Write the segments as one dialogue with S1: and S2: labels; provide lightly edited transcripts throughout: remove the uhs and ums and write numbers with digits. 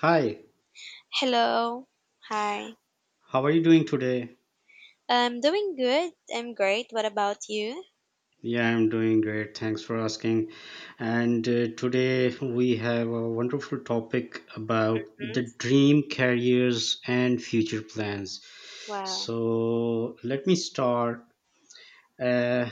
S1: Hi,
S2: Hello. Hi.
S1: how are you doing today?
S2: I'm doing good. I'm great. What about you?
S1: Yeah, I'm doing great. Thanks for asking. And today we have a wonderful topic about
S2: Hmm.
S1: the dream careers and future plans.
S2: Wow.
S1: So let me start. Uh,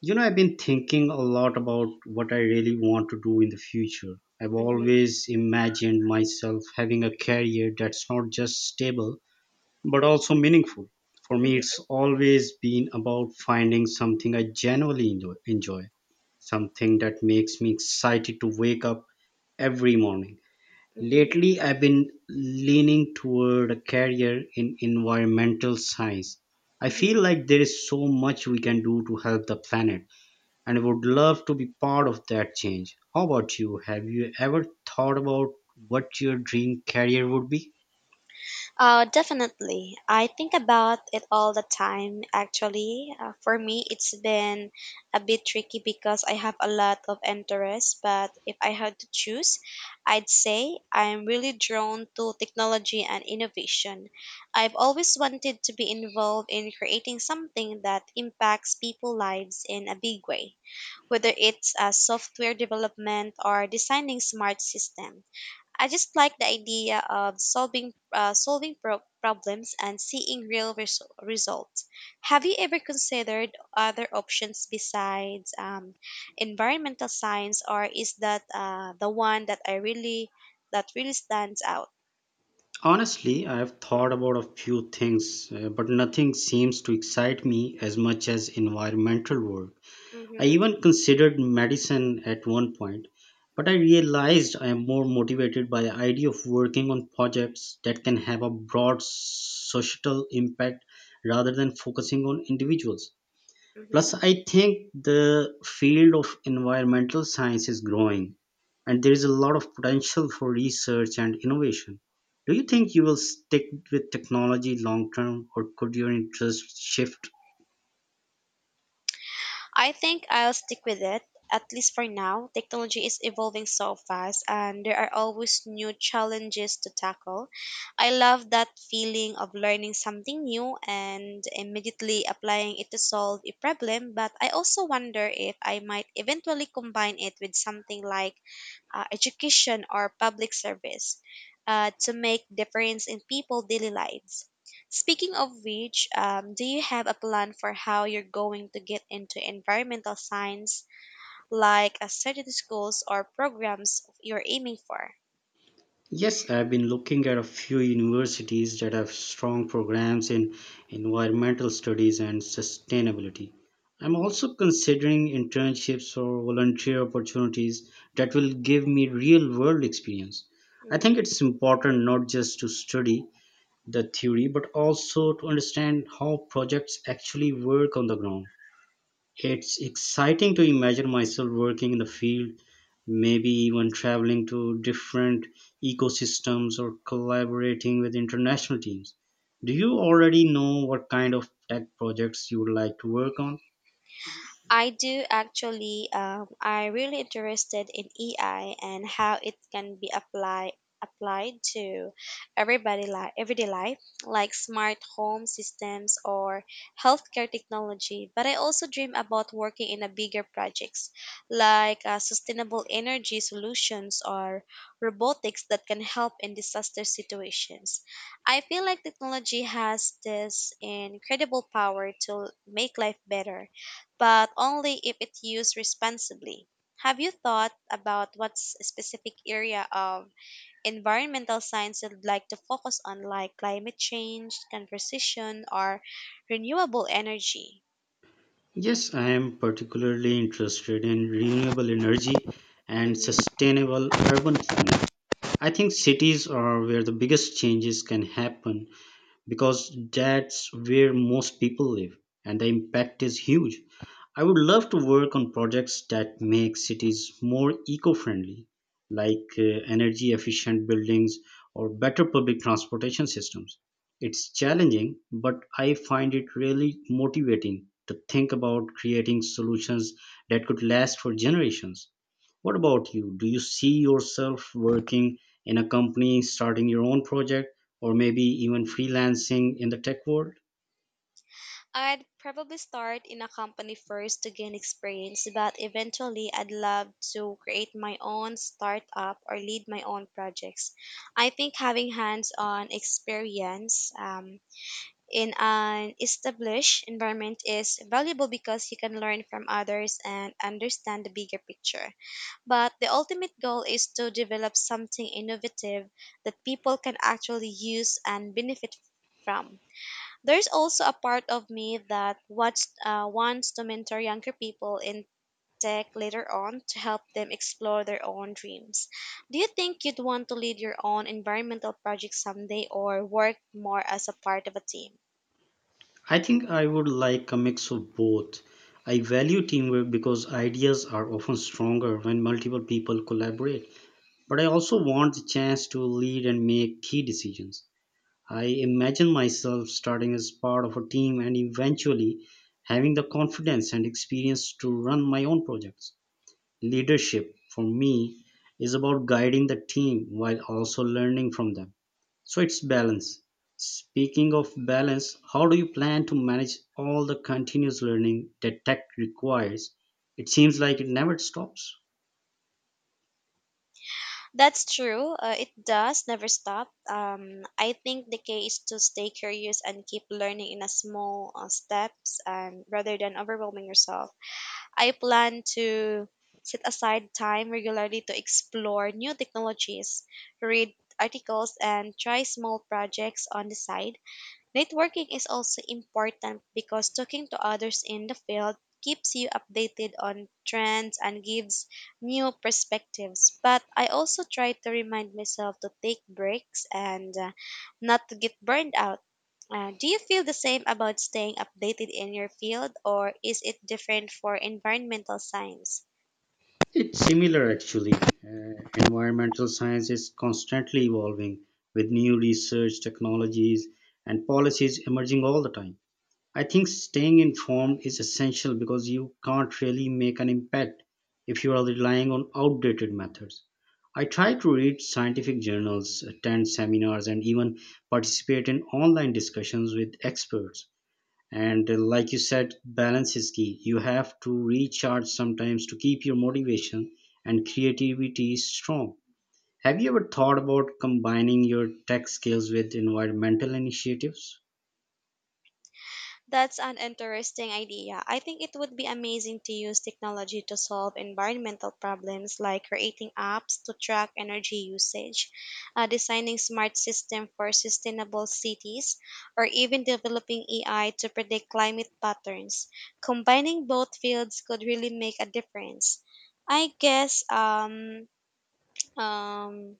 S1: I've been thinking a lot about what I really want to do in the future. I've
S2: Mm-hmm.
S1: always imagined myself having a career that's not just stable but also meaningful. For me, it's always been about finding something I genuinely enjoy, something that makes me excited to wake up every morning.
S2: Mm-hmm.
S1: Lately, I've been leaning toward a career in environmental science. I
S2: Mm-hmm.
S1: feel like there is so much we can do to help the planet, and I would love to be part of that change. How about you? Have you ever thought about what your dream career would be?
S2: Definitely. I think about it all the time, actually. For me, it's been a bit tricky because I have a lot of interests, but if I had to choose, I'd say I'm really drawn to technology and innovation. I've always wanted to be involved in creating something that impacts people's lives in a big way, whether it's software development or designing smart systems. I just like the idea of solving problems and seeing real results. Have you ever considered other options besides environmental science, or is that the one that I really that really stands out?
S1: Honestly, I have thought about a few things, but nothing seems to excite me as much as environmental work. I
S2: Mm-hmm,
S1: even considered medicine at one point, but I realized I am more motivated by the idea of working on projects that can have a broad societal impact rather than focusing on individuals.
S2: mm-hmm.
S1: Plus, I think the field of environmental science is growing and there is a lot of potential for research and innovation. Do you think you will stick with technology long term or could your interest shift?
S2: I think I'll stick with it, at least for now. Technology is evolving so fast, and there are always new challenges to tackle. I love that feeling of learning something new and immediately applying it to solve a problem, but I also wonder if I might eventually combine it with something like education or public service to make difference in people's daily lives. Speaking of which, do you have a plan for how you're going to get into environmental science, like a certain schools or programs you're aiming for?
S1: Yes, I've been looking at a few universities that have strong programs in environmental studies and sustainability. I'm
S2: Hmm.
S1: also considering internships or volunteer opportunities that will give me real world experience. I think
S2: Hmm.
S1: it's important not just to study the theory but also to understand how projects actually work on the ground. It's exciting to imagine myself working in the field, maybe even traveling to different ecosystems or collaborating with international teams. Do you already know what kind of tech projects you would like to work on?
S2: I do actually. I really interested in AI and how it can be applied to everyday life, like smart home systems or healthcare technology. But I also dream about working in a bigger projects like sustainable energy solutions or robotics that can help in disaster situations. I feel like technology has this incredible power to make life better, but only if it's used responsibly. Have you thought about what specific area of environmental science you'd like to focus on, like climate change, conservation, or renewable energy?
S1: Yes, I am particularly interested in renewable energy and
S2: Hmm.
S1: sustainable urban planning. I think cities are where the biggest changes can happen, because that's where most people live and the impact is huge. I would love to work on projects that make cities more eco-friendly, like energy efficient buildings or better public transportation systems. It's challenging, but I find it really motivating to think about creating solutions that could last for generations. What about you? Do you see yourself working in a company, starting your own project, or maybe even freelancing in the tech world?
S2: I'd probably start in a company first to gain experience, but eventually I'd love to create my own startup or lead my own projects. I think having hands on experience in an established environment is valuable because you can learn from others and understand the bigger picture. But the ultimate goal is to develop something innovative that people can actually use and benefit from. There's also a part of me that wants to mentor younger people in tech later on to help them explore their own dreams. Do you think you'd want to lead your own environmental project someday or work more as a part of a team?
S1: I think I would like a mix of both. I value teamwork because ideas are often stronger when multiple people collaborate, but I also want the chance to lead and make key decisions. I imagine myself starting as part of a team and eventually having the confidence and experience to run my own projects. Leadership, for me, is about guiding the team while also learning from them. So it's balance. Speaking of balance, how do you plan to manage all the continuous learning that tech requires? It seems like it never stops.
S2: That's true. It does never stop. I think the key is to stay curious and keep learning in a small steps, and rather than overwhelming yourself. I plan to set aside time regularly to explore new technologies, read articles, and try small projects on the side. Networking is also important because talking to others in the field keeps you updated on trends and gives new perspectives. But I also try to remind myself to take breaks and not to get burned out. Do you feel the same about staying updated in your field, or is it different for environmental science?
S1: It's similar actually. Environmental science is constantly evolving with new research, technologies, and policies emerging all the time. I think staying informed is essential because you can't really make an impact if you are relying on outdated methods. I try to read scientific journals, attend seminars, and even participate in online discussions with experts. And like you said, balance is key. You have to recharge sometimes to keep your motivation and creativity strong. Have you ever thought about combining your tech skills with environmental initiatives?
S2: That's an interesting idea. I think it would be amazing to use technology to solve environmental problems, like creating apps to track energy usage, designing smart systems for sustainable cities, or even developing AI to predict climate patterns. Combining both fields could really make a difference. I guess um, um,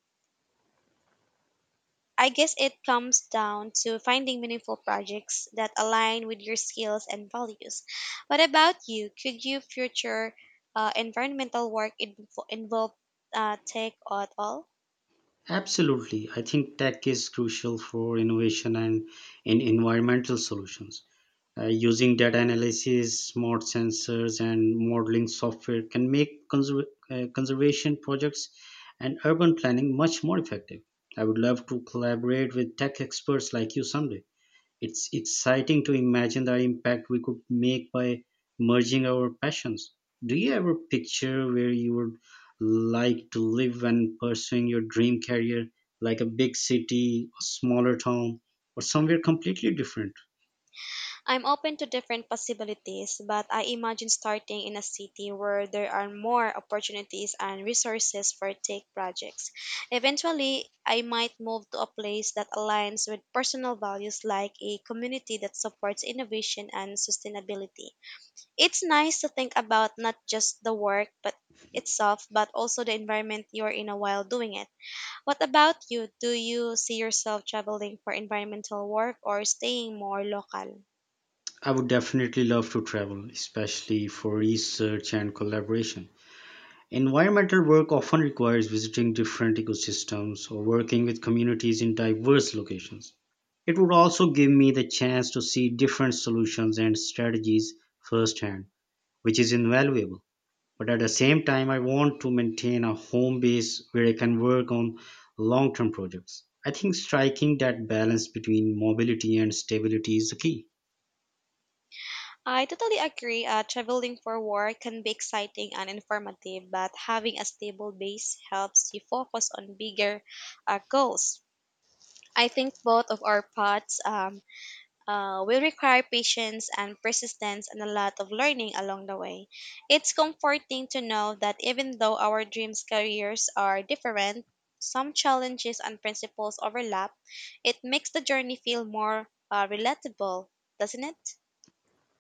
S2: I guess it comes down to finding meaningful projects that align with your skills and values. What about you? Could your future environmental work involve tech at all?
S1: Absolutely. I think tech is crucial for innovation and in environmental solutions. Using data analysis, smart sensors, and modeling software can make conservation projects and urban planning much more effective. I would love to collaborate with tech experts like you someday. It's exciting to imagine the impact we could make by merging our passions. Do you ever picture where you would like to live when pursuing your dream career, like a big city, a smaller town, or somewhere completely different?
S2: I'm open to different possibilities, but I imagine starting in a city where there are more opportunities and resources for tech projects. Eventually, I might move to a place that aligns with personal values, like a community that supports innovation and sustainability. It's nice to think about not just the work but itself but also the environment you're in a while doing it. What about you? Do you see yourself traveling for environmental work or staying more local?
S1: I would definitely love to travel, especially for research and collaboration. Environmental work often requires visiting different ecosystems or working with communities in diverse locations. It would also give me the chance to see different solutions and strategies firsthand, which is invaluable. But at the same time, I want to maintain a home base where I can work on long term projects. I think striking that balance between mobility and stability is the key.
S2: I totally agree. Traveling for work can be exciting and informative, but having a stable base helps you focus on bigger goals. I think both of our paths will require patience and persistence and a lot of learning along the way. It's comforting to know that even though our dreams careers are different, some challenges and principles overlap. It makes the journey feel more relatable, doesn't it?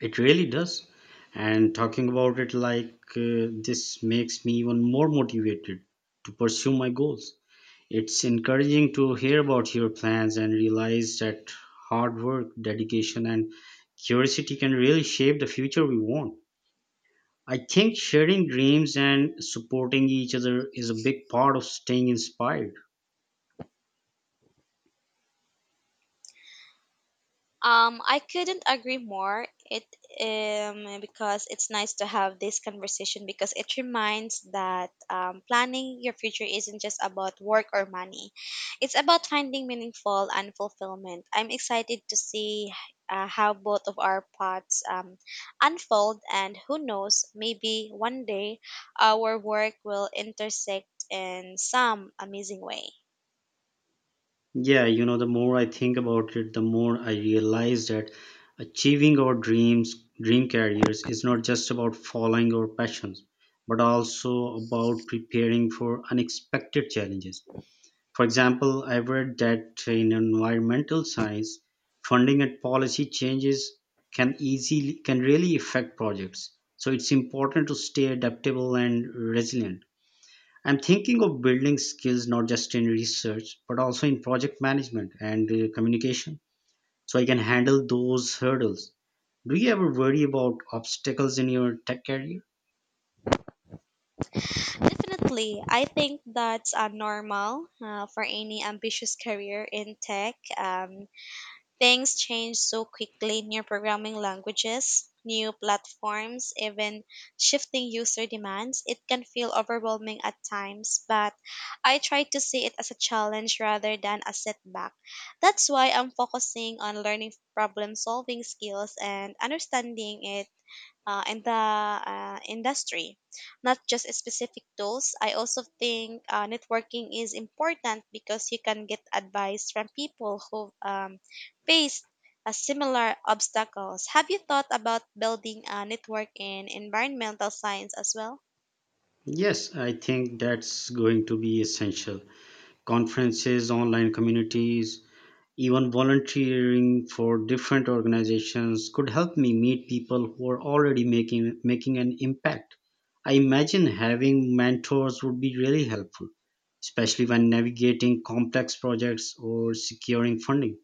S1: It really does. And talking about it like this makes me even more motivated to pursue my goals. It's encouraging to hear about your plans and realize that hard work, dedication, and curiosity can really shape the future we want. I think sharing dreams and supporting each other is a big part of staying inspired.
S2: I couldn't agree more. It Because it's nice to have this conversation, because it reminds that planning your future isn't just about work or money. It's about finding meaningful and fulfillment. I'm excited to see how both of our paths unfold, and who knows, maybe one day our work will intersect in some amazing way.
S1: Yeah, the more I think about it, the more I realize that achieving our dream careers is not just about following our passions, but also about preparing for unexpected challenges. For example, I've read that in environmental science, funding and policy changes can really affect projects. So it's important to stay adaptable and resilient. I'm thinking of building skills not just in research, but also in project management and communication so I can handle those hurdles. Do you ever worry about obstacles in your tech career?
S2: Definitely, I think that's normal for any ambitious career in tech. Things change so quickly. New programming languages, new platforms, even shifting user demands. It can feel overwhelming at times, but I try to see it as a challenge rather than a setback. That's why I'm focusing on learning problem solving skills and understanding it in the industry, not just specific tools. I also think networking is important because you can get advice from people who faced similar obstacles. Have you thought about building a network in environmental science as well?
S1: Yes, I think that's going to be essential. Conferences, online communities, even volunteering for different organizations could help me meet people who are already making an impact. I imagine having mentors would be really helpful, especially when navigating complex projects or securing funding.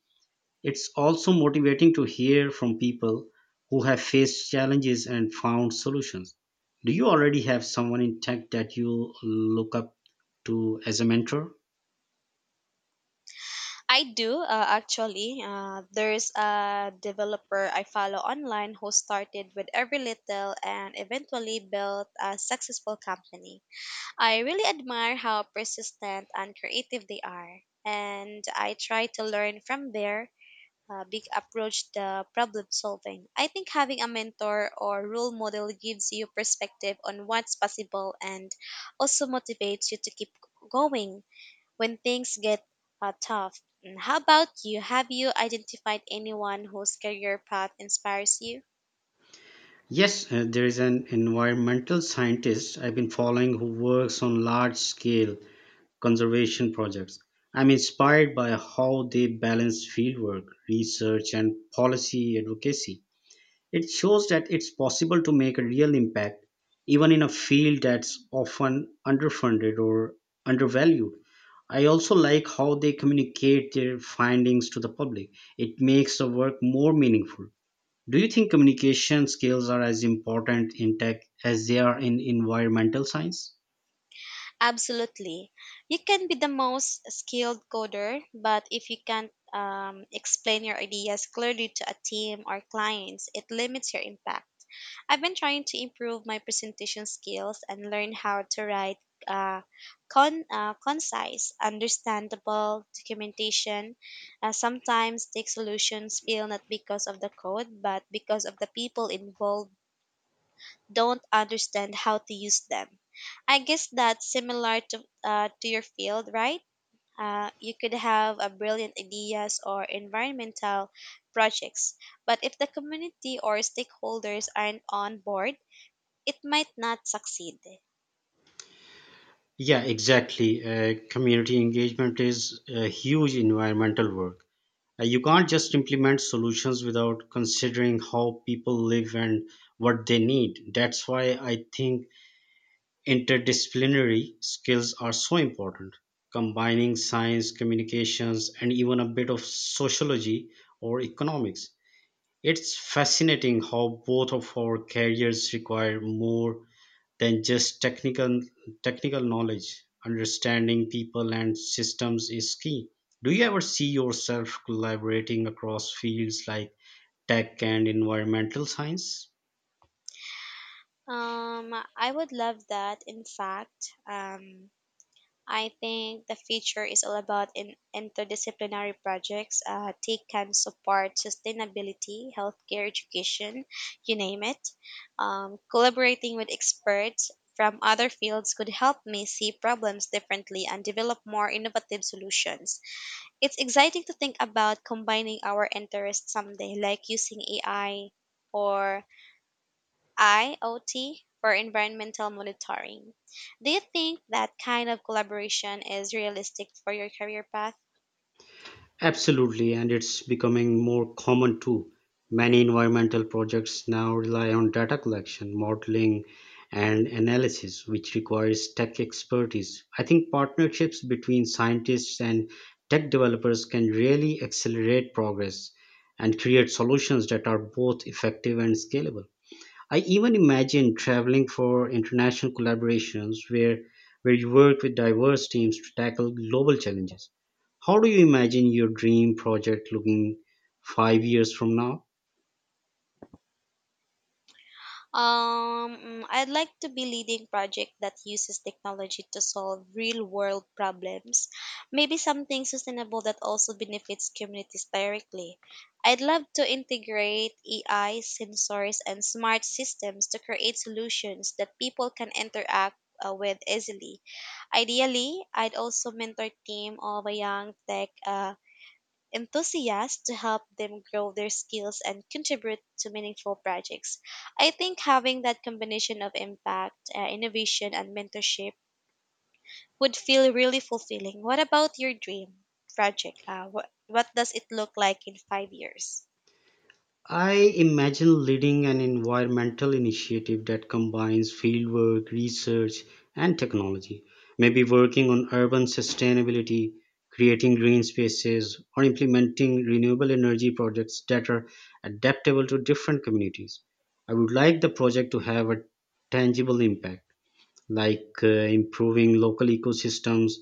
S1: It's also motivating to hear from people who have faced challenges and found solutions. Do you already have someone in tech that you look up to as a mentor?
S2: I do actually. There's a developer I follow online who started with every little and eventually built a successful company. I really admire how persistent and creative they are, and I try to learn from their big approach the problem solving. I think having a mentor or role model gives you perspective on what's possible and also motivates you to keep going when things get tough. Mm. How about you? Have you identified anyone whose career path inspires you?
S1: Yes, there is an environmental scientist I've been following who works on large scale conservation projects. I'm inspired by how they balance fieldwork, research, and policy advocacy. It shows that it's possible to make a real impact even in a field that's often underfunded or undervalued. I also like how they communicate their findings to the public. It makes the work more meaningful. Do you think communication skills are as important in tech as they are in environmental science?
S2: Absolutely. You can be the most skilled coder, but if you can't explain your ideas clearly to a team or clients, it limits your impact. I've been trying to improve my presentation skills and learn how to write uh, concise, understandable documentation. Sometimes tech solutions fail not because of the code, but because of the people involved don't understand how to use them. I guess that's similar to your field, right? You could have a brilliant ideas or environmental projects, but if the community or stakeholders aren't on board, it might not succeed.
S1: Yeah, exactly. Community engagement is a huge environmental work. You can't just implement solutions without considering how people live and what they need. That's why I think interdisciplinary skills are so important. Combining science, communications, and even a bit of sociology or economics. It's fascinating how both of our careers require more than just technical knowledge. Understanding people and systems is key. Do you ever see yourself collaborating across fields like tech and environmental science?
S2: I would love that. In fact, I think the future is all about in interdisciplinary projects. Tech can support sustainability, healthcare, education, you name it. Collaborating with experts from other fields could help me see problems differently and develop more innovative solutions. It's exciting to think about combining our interests someday, like using AI or IoT for environmental monitoring. Do you think that kind of collaboration is realistic for your career path?
S1: Absolutely, and it's becoming more common too. Many environmental projects now rely on data collection, modeling, and analysis, which requires tech expertise. I think partnerships between scientists and tech developers can really accelerate progress and create solutions that are both effective and scalable. I even imagine traveling for international collaborations where you work with diverse teams to tackle global challenges. How do you imagine your dream project looking 5 years from now?
S2: I'd like to be leading project that uses technology to solve real world problems. Maybe something sustainable that also benefits communities directly. I'd love to integrate AI, sensors, and smart systems to create solutions that people can interact with easily. Ideally, I'd also mentor team of a young tech enthusiasts to help them grow their skills and contribute to meaningful projects. I think having that combination of impact, innovation, and mentorship would feel really fulfilling. What about your dream project? What does it look like in 5 years?
S1: I imagine leading an environmental initiative that combines fieldwork, research, and technology. Maybe working on urban sustainability, creating green spaces, or implementing renewable energy projects that are adaptable to different communities. I would like the project to have a tangible impact, like improving local ecosystems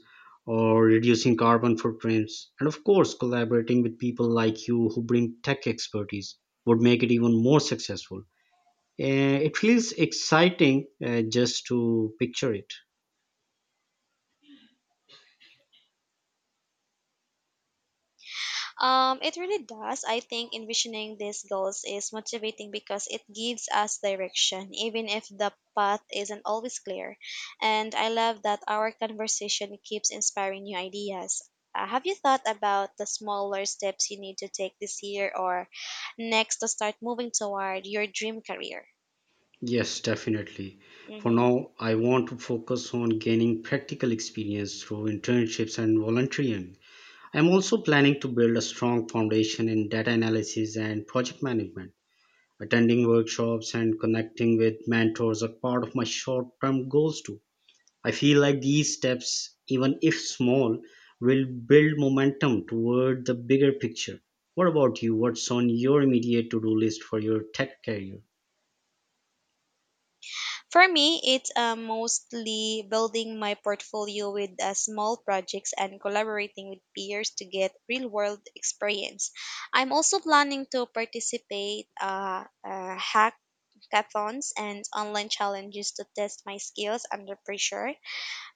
S1: or reducing carbon footprints. And of course, collaborating with people like you who bring tech expertise would make it even more successful. Uh, it feels exciting just to picture it.
S2: It really does. I think envisioning these goals is motivating because it gives us direction, even if the path isn't always clear. And I love that our conversation keeps inspiring new ideas. Have you thought about the smaller steps you need to take this year or next to start moving toward your dream career?
S1: Yes, definitely. For
S2: Mm-hmm.
S1: now, I want to focus on gaining practical experience through internships and volunteering. I'm also planning to build a strong foundation in data analysis and project management. Attending workshops and connecting with mentors are part of my short-term goals too. I feel like these steps, even if small, will build momentum toward the bigger picture. What about you? What's on your immediate to-do list for your tech career?
S2: For me, it's mostly building my portfolio with small projects and collaborating with peers to get real world experience. I'm also planning to participate hackathons and online challenges to test my skills under pressure.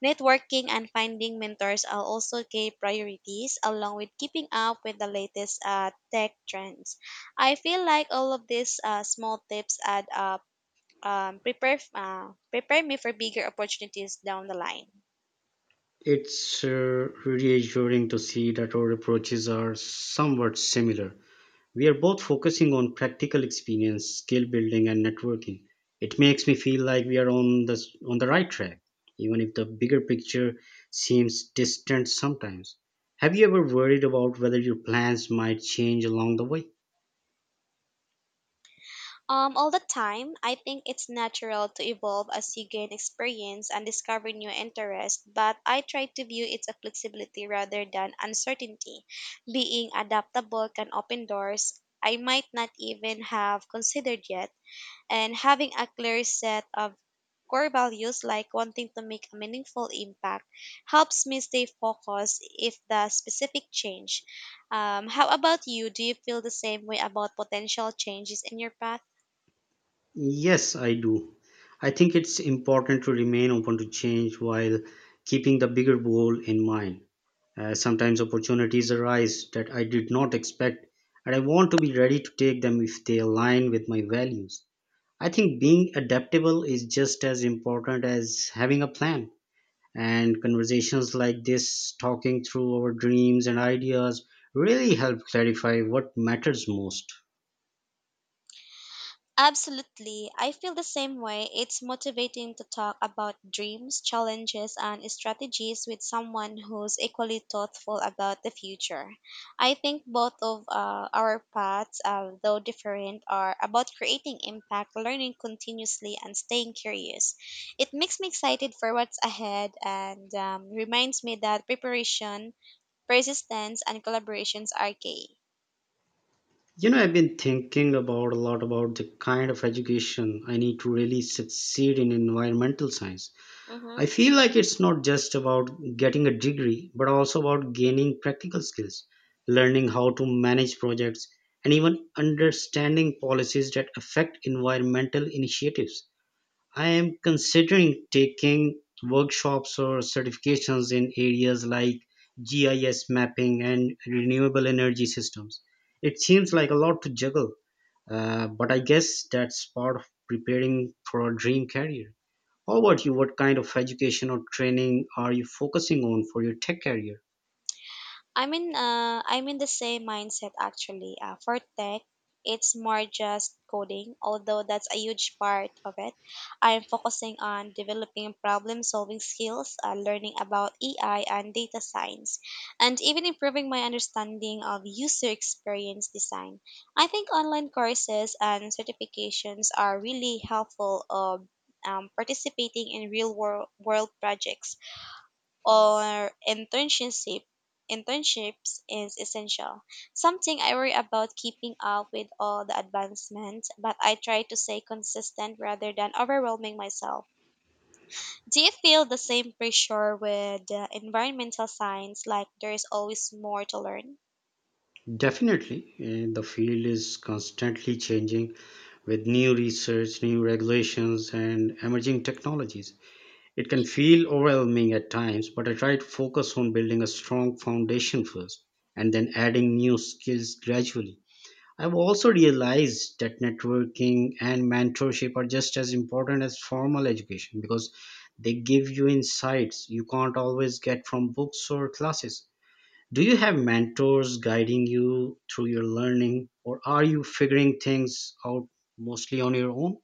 S2: Networking and finding mentors are also key priorities, along with keeping up with the latest tech trends. I feel like all of these small tips add up prepare me for bigger opportunities down the line.
S1: It's reassuring to see that our approaches are somewhat similar. We are both focusing on practical experience, skill building, and networking. It makes me feel like we are on the right track, even if the bigger picture seems distant sometimes. Have you ever worried about whether your plans might change along the way?
S2: All the time. I think it's natural to evolve as you gain experience and discover new interests, but I try to view it as flexibility rather than uncertainty. Being adaptable can open doors I might not even have considered yet, and having a clear set of core values like wanting to make a meaningful impact helps me stay focused if the specific change. How about you? Do you feel the same way about potential changes in your path?
S1: Yes, I do. I think it's important to remain open to change while keeping the bigger goal in mind. Sometimes opportunities arise that I did not expect, and I want to be ready to take them if they align with my values. I think being adaptable is just as important as having a plan. And conversations like this, talking through our dreams and ideas, really help clarify what matters most.
S2: Absolutely. I feel the same way. It's motivating to talk about dreams, challenges, and strategies with someone who's equally thoughtful about the future. I think both of our paths, though different, are about creating impact, learning continuously, and staying curious. It makes me excited for what's ahead and reminds me that preparation, persistence, and collaborations are key.
S1: You know, I've been thinking about a lot about the kind of education I need to really succeed in environmental science.
S2: Mm-hmm.
S1: I feel like it's not just about getting a degree, but also about gaining practical skills, learning how to manage projects, and even understanding policies that affect environmental initiatives. I am considering taking workshops or certifications in areas like GIS mapping and renewable energy systems. It seems like a lot to juggle, but I guess that's part of preparing for a dream career. How about you? What kind of education or training are you focusing on for your tech career?
S2: I'm in the same mindset actually. For tech, it's more just coding, although that's a huge part of it. I'm focusing on developing problem solving skills, learning about AI and data science, and even improving my understanding of user experience design. I think online courses and certifications are really helpful of participating in real world projects or internships is essential. Something I worry about keeping up with all the advancements, but I try to stay consistent rather than overwhelming myself. Do you feel the same pressure with environmental science like there is always more to learn?
S1: Definitely, the field is constantly changing with new research, new regulations, and emerging technologies. It can feel overwhelming at times, but I try to focus on building a strong foundation first and then adding new skills gradually. I've also realized that networking and mentorship are just as important as formal education because they give you insights you can't always get from books or classes. Do you have mentors guiding you through your learning, or are you figuring things out mostly on your own?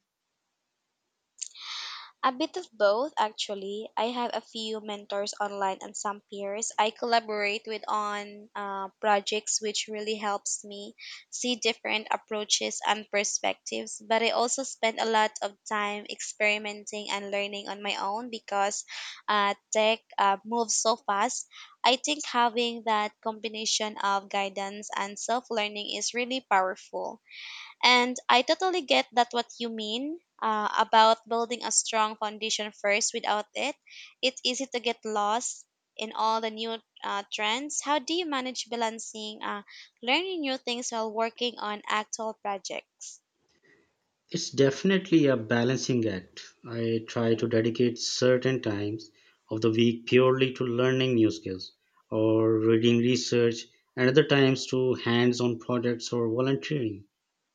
S2: A bit of both, actually. I have a few mentors online and some peers I collaborate with on projects, which really helps me see different approaches and perspectives. But I also spend a lot of time experimenting and learning on my own because tech moves so fast. I think having that combination of guidance and self learning is really powerful. And I totally get that what you mean about building a strong foundation first. Without it, it's easy to get lost in all the new trends. How do you manage balancing learning new things while working on actual projects?
S1: It's definitely a balancing act. I try to dedicate certain times of the week purely to learning new skills or reading research, and other times to hands on projects or volunteering.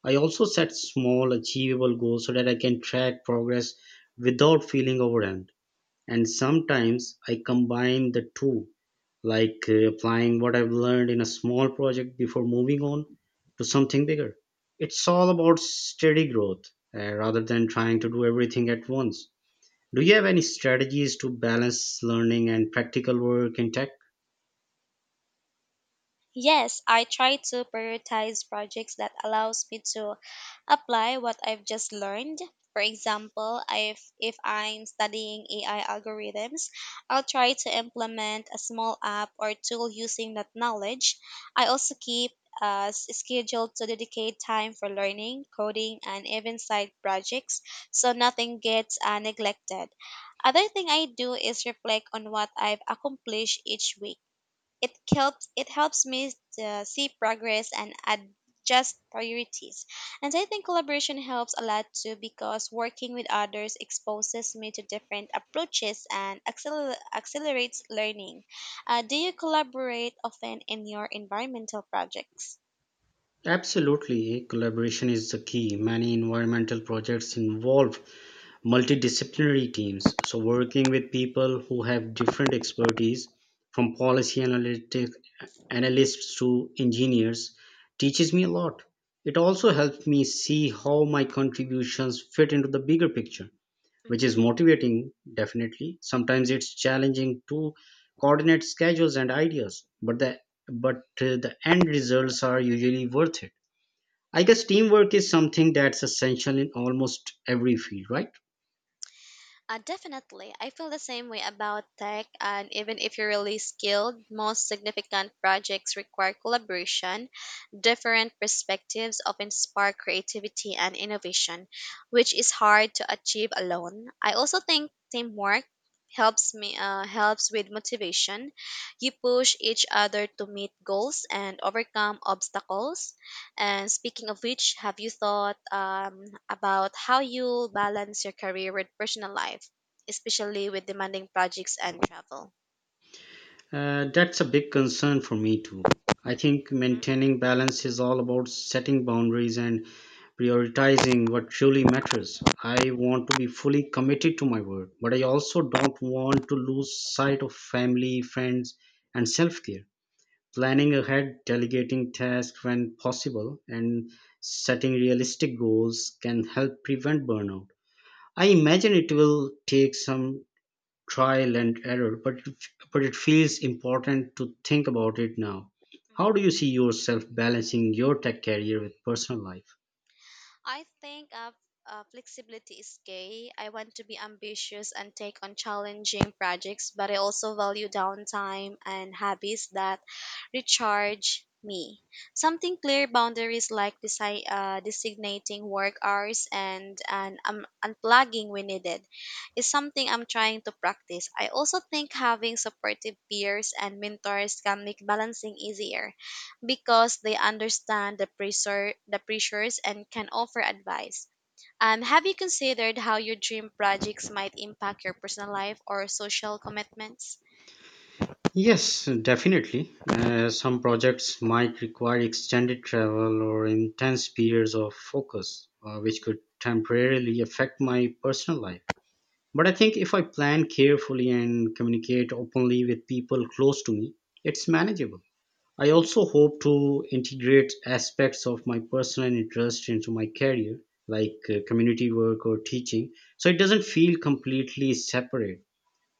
S1: I also set small, achievable goals so that I can track progress without feeling overwhelmed and sometimes I combine the two, like applying what I've learned in a small project before moving on to something bigger. It's all about steady growth rather than trying to do everything at once. Do you have any strategies to balance learning and practical work in tech?
S2: Yes, I try to prioritize projects that allows me to apply what I've just learned. For example, if I'm studying AI algorithms, I'll try to implement a small app or tool using that knowledge. I also keep scheduled to dedicate time for learning, coding, and even side projects, so nothing gets neglected. Other thing I do is reflect on what I've accomplished each week. It helps me see progress and adjust priorities. And I think collaboration helps a lot too because working with others exposes me to different approaches and accelerates learning. Do you collaborate often in your environmental projects?
S1: Absolutely, collaboration is the key. Many environmental projects involve multidisciplinary teams, so working with people who have different expertise, from policy analytic, analysts to engineers, teaches me a lot. It also helps me see how my contributions fit into the bigger picture, which is motivating, definitely. Sometimes it's challenging to coordinate schedules and ideas, but the end results are usually worth it. I guess teamwork is something that's essential in almost every field, right?
S2: Definitely. I feel the same way about tech, and even if you're really skilled, most significant projects require collaboration. Different perspectives often spark creativity and innovation, which is hard to achieve alone. I also think teamwork helps with motivation. You push each other to meet goals and overcome obstacles. And speaking of which, have you thought about how you'll balance your career with personal life, especially with demanding projects and travel?
S1: That's a big concern for me too. I think maintaining balance is all about setting boundaries and prioritizing what truly matters. I want to be fully committed to my work, but I also don't want to lose sight of family, friends, and self care. Planning ahead, delegating tasks when possible, and setting realistic goals can help prevent burnout. I imagine it will take some trial and error, but it feels important to think about it now. How do
S2: Mhm.
S1: you see yourself balancing your tech career with personal life?
S2: I think flexibility is key. I want to be ambitious and take on challenging projects, but I also value downtime and hobbies that recharge me. Something clear boundaries like designating work hours and, unplugging when needed is something I'm trying to practice. I also think having supportive peers and mentors can make balancing easier because they understand the pressures and can offer advice. Have you considered how your dream projects might impact your personal life or social commitments?
S1: Yes, definitely.
S2: Mhm,
S1: Some projects might require extended travel or intense periods of focus, which
S2: mhm,
S1: could temporarily affect my personal life. But I think if I plan carefully and communicate openly with people close to me, it's manageable. I
S2: mhm.
S1: also hope to integrate aspects of my personal interest into my career, like community work or teaching, so it doesn't feel completely separate.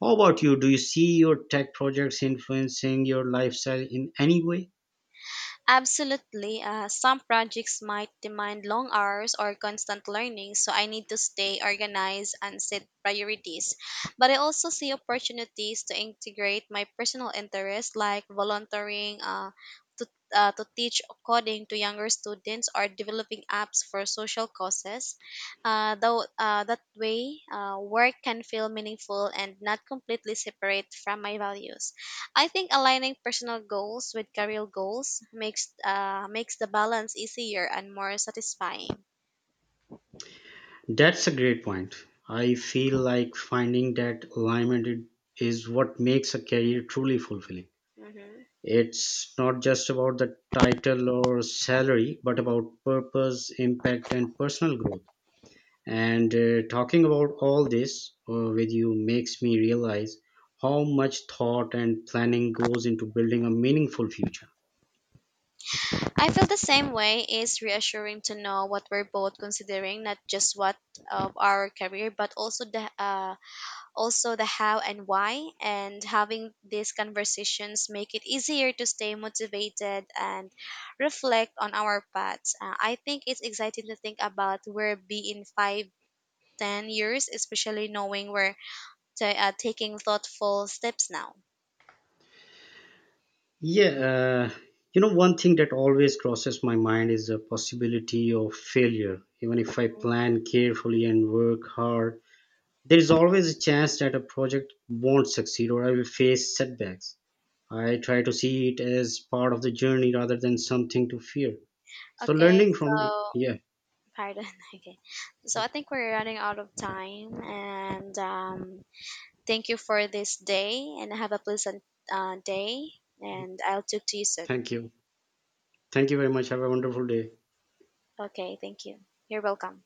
S1: How about you? Do you see your tech projects influencing your lifestyle in any way?
S2: Absolutely. Some projects might demand long hours or constant learning, so I need to stay organized and set priorities. But I also see opportunities to integrate my personal interests like volunteering to, to teach coding to younger students or developing apps for social causes. That way, work can feel meaningful and not completely separate from my values. I think aligning personal goals with career goals makes the balance easier and more satisfying.
S1: That's a great point. I feel like finding that alignment is what makes a career truly fulfilling.
S2: Hmm.
S1: It's not just about the title or salary, but about purpose, impact, and personal growth. And talking about all this with you makes me realize how much thought and planning goes into building a meaningful future.
S2: I feel the same way. It's reassuring to know what we're both considering, not just what of our career, but also the how and why. And having these conversations make it easier to stay motivated and reflect on our paths. I think it's exciting to think about where be in five, 10 years, especially knowing where they are taking thoughtful steps now.
S1: Yeah, one thing that always crosses my mind is the possibility of failure. Even if I plan carefully and work hard, there is always a chance that a project won't succeed or I will face setbacks. I try to see it as part of the journey rather than something to fear. So,
S2: Okay,
S1: learning from,
S2: so
S1: yeah,
S2: pardon. Okay, so I think we're running out of time, and thank you for this day, and have a pleasant day. And I'll talk to you soon.
S1: thank you. Thank you very much. Have a wonderful day.
S2: Okay, thank you. You're welcome.